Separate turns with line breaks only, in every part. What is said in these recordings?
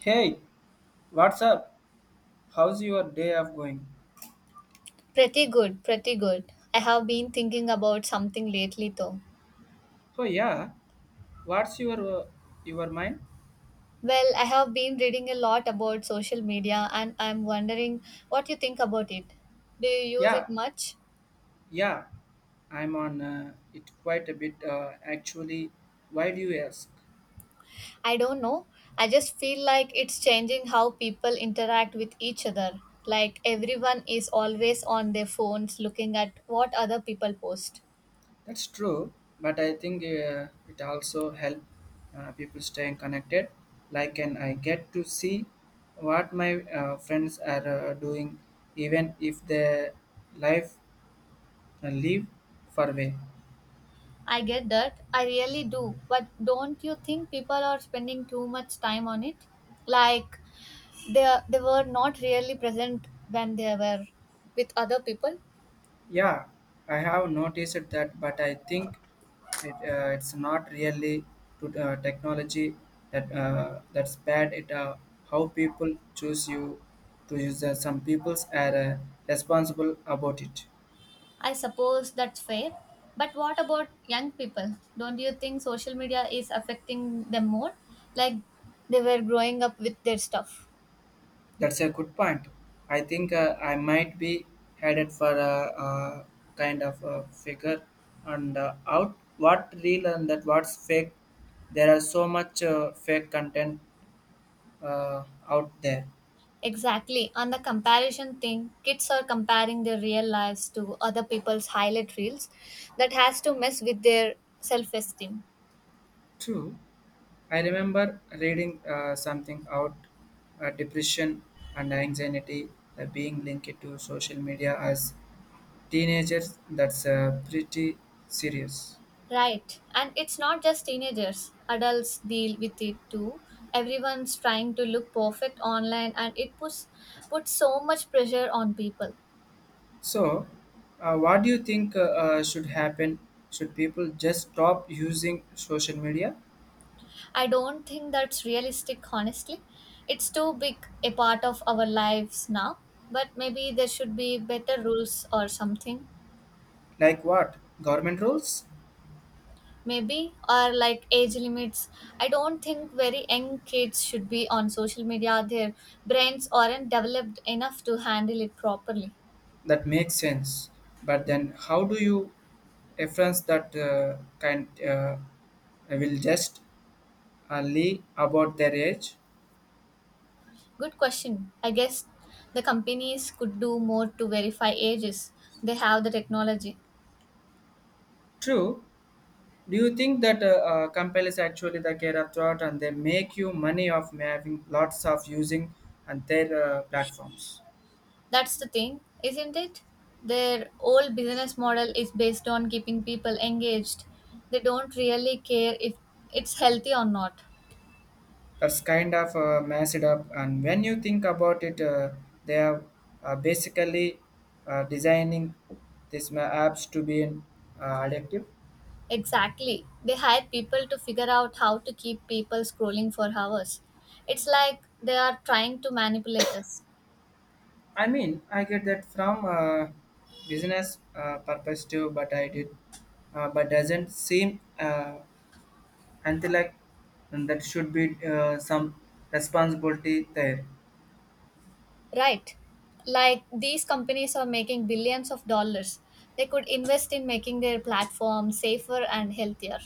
Hey, what's up? How's your day of going?
Pretty good, pretty good. I have been thinking about something lately though.
Oh yeah, what's your mind?
Well, I have been reading a lot about social media and I'm wondering what you think about it. Do you use
Yeah,
it much?
yeah, I'm on it quite a bit actually. Why do you ask?
I don't know. I just feel like it's changing how people interact with each other. Like everyone is always on their phones looking at what other people post.
That's true, but I think it also help people staying connected. Like, and I get to see what my friends are doing, even if they life live far away.
I get that. I really do. But don't you think people are spending too much time on it? Like they were not really present when they were with other people.
Yeah, I have noticed that, but I think it's not really to technology that's bad. It how people choose you to use. Some people's are responsible about it.
I suppose that's fair. But what about young people? Don't you think social media is affecting them more? Like, they were growing up with their stuff.
That's a good point. I think I might be headed for a kind of a figure and out what real and that what's fake. There are so much fake content out there.
Exactly, on the comparison thing, kids are comparing their real lives to other people's highlight reels. That has to mess with their self esteem.
True. I remember reading something out depression and anxiety being linked to social media as teenagers. That's pretty serious.
Right. And it's not just teenagers. Adults deal with it too. Everyone's trying to look perfect online and it puts so much pressure on people.
So, what do you think should happen? Should people just stop using social media?
I don't think that's realistic honestly. It's too big a part of our lives now. But maybe there should be better rules or something.
Like what? Government rules?
Maybe, or like age limits. I don't think very young kids should be on social media. Their brains aren't developed enough to handle it properly.
That makes sense. But then, how do you reference that kind will just lie about their age?
Good question. I guess the companies could do more to verify ages. They have the technology.
True. Do you think that companies actually the care of thought and they make you money of having lots of using and their platforms?
That's the thing, isn't it? Their old business model is based on keeping people engaged. They don't really care if it's healthy or not.
That's kind of mess it up. And when you think about it, they are basically designing these apps to be addictive.
Exactly. They hire people to figure out how to keep people scrolling for hours. It's like they are trying to manipulate us.
I mean, I get that from business perspective, but I did, but doesn't seem and they like and that should be some responsibility there.
Right. Like these companies are making billions of dollars. They could invest in making their platform safer and healthier.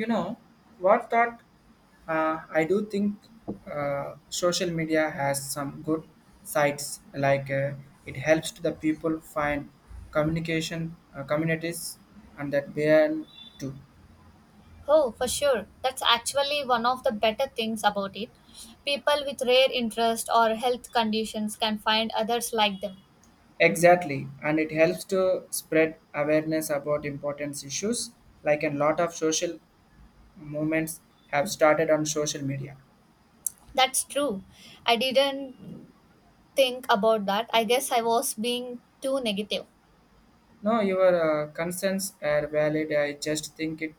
You know what thought, I do think social media has some good sites like, it helps to the people find communication, communities and that beyond too.
Oh, for sure. That's actually one of the better things about it. People with rare interest or health conditions can find others like them.
Exactly, and it helps to spread awareness about important issues, like a lot of social movements have started on social media.
That's true. I didn't think about that. I guess I was being too negative.
No, your concerns are valid. I just think it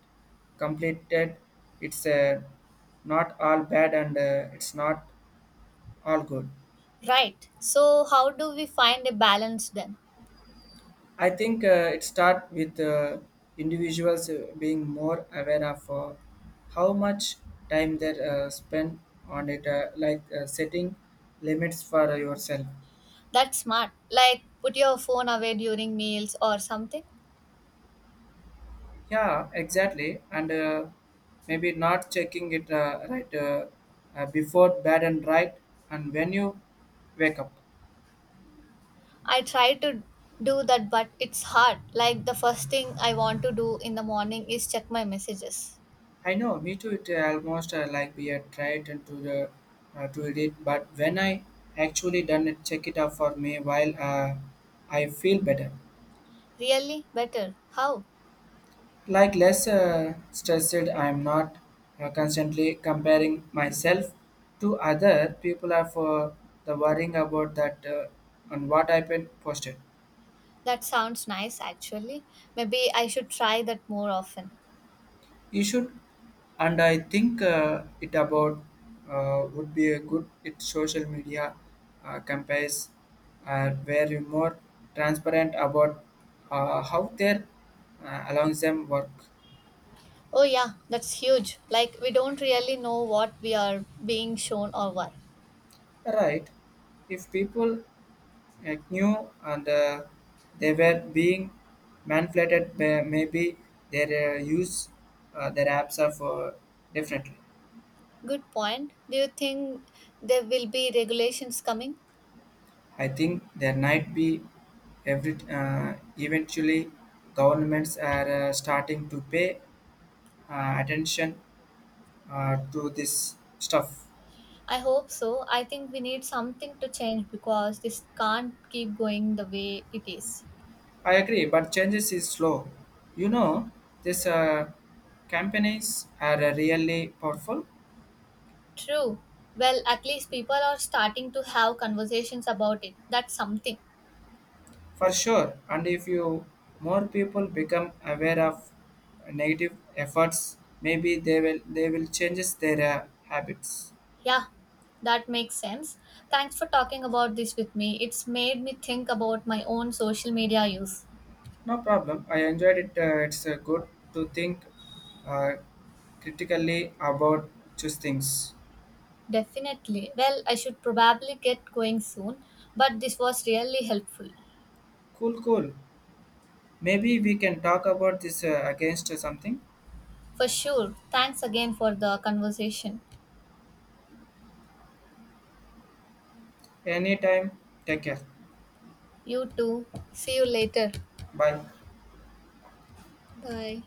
completed. It's not all bad and it's not all good.
Right. So, how do we find a balance then?
I think it starts with individuals being more aware of how much time they spend on it, like setting limits for yourself.
That's smart. Like, put your phone away during meals or something.
Yeah, exactly. And maybe not checking it before bed and right and when you wake up.
I try to do that, but it's hard. Like the first thing I want to do in the morning is check my messages.
I know, me too. It almost like we are tried and to the to read it, but when I actually done it, check it out for me while I feel better,
Really? Better. How?
like less stressed. I am not constantly comparing myself to other people. Are for the worrying about that and what I've been posted.
That sounds nice actually. Maybe I should try that more often.
You should, and I think it about would be a good it social media campaigns where you more transparent about how their along them work.
Oh, yeah, that's huge. Like we don't really know what we are being shown or why.
Right, if people knew and they were being manipulated, maybe their use their apps are for differently.
Good point. Do you think there will be regulations coming?
I think there might be every eventually governments are starting to pay attention to this stuff.
I hope so. I think we need something to change because this can't keep going the way it is.
I agree, but changes is slow. You know, these companies are really powerful.
True. Well, at least people are starting to have conversations about it. That's something.
For sure. And if you more people become aware of negative efforts, maybe they will changes their habits.
Yeah, that makes sense. Thanks for talking about this with me. It's made me think about my own social media use.
No problem. I enjoyed it. It's good to think uh, critically about these things.
Definitely. Well, I should probably get going soon, but this was really helpful.
Cool, cool. Maybe we can talk about this against something.
For sure. Thanks again for the conversation.
Anytime. Take care.
You too. See you later.
Bye.
Bye.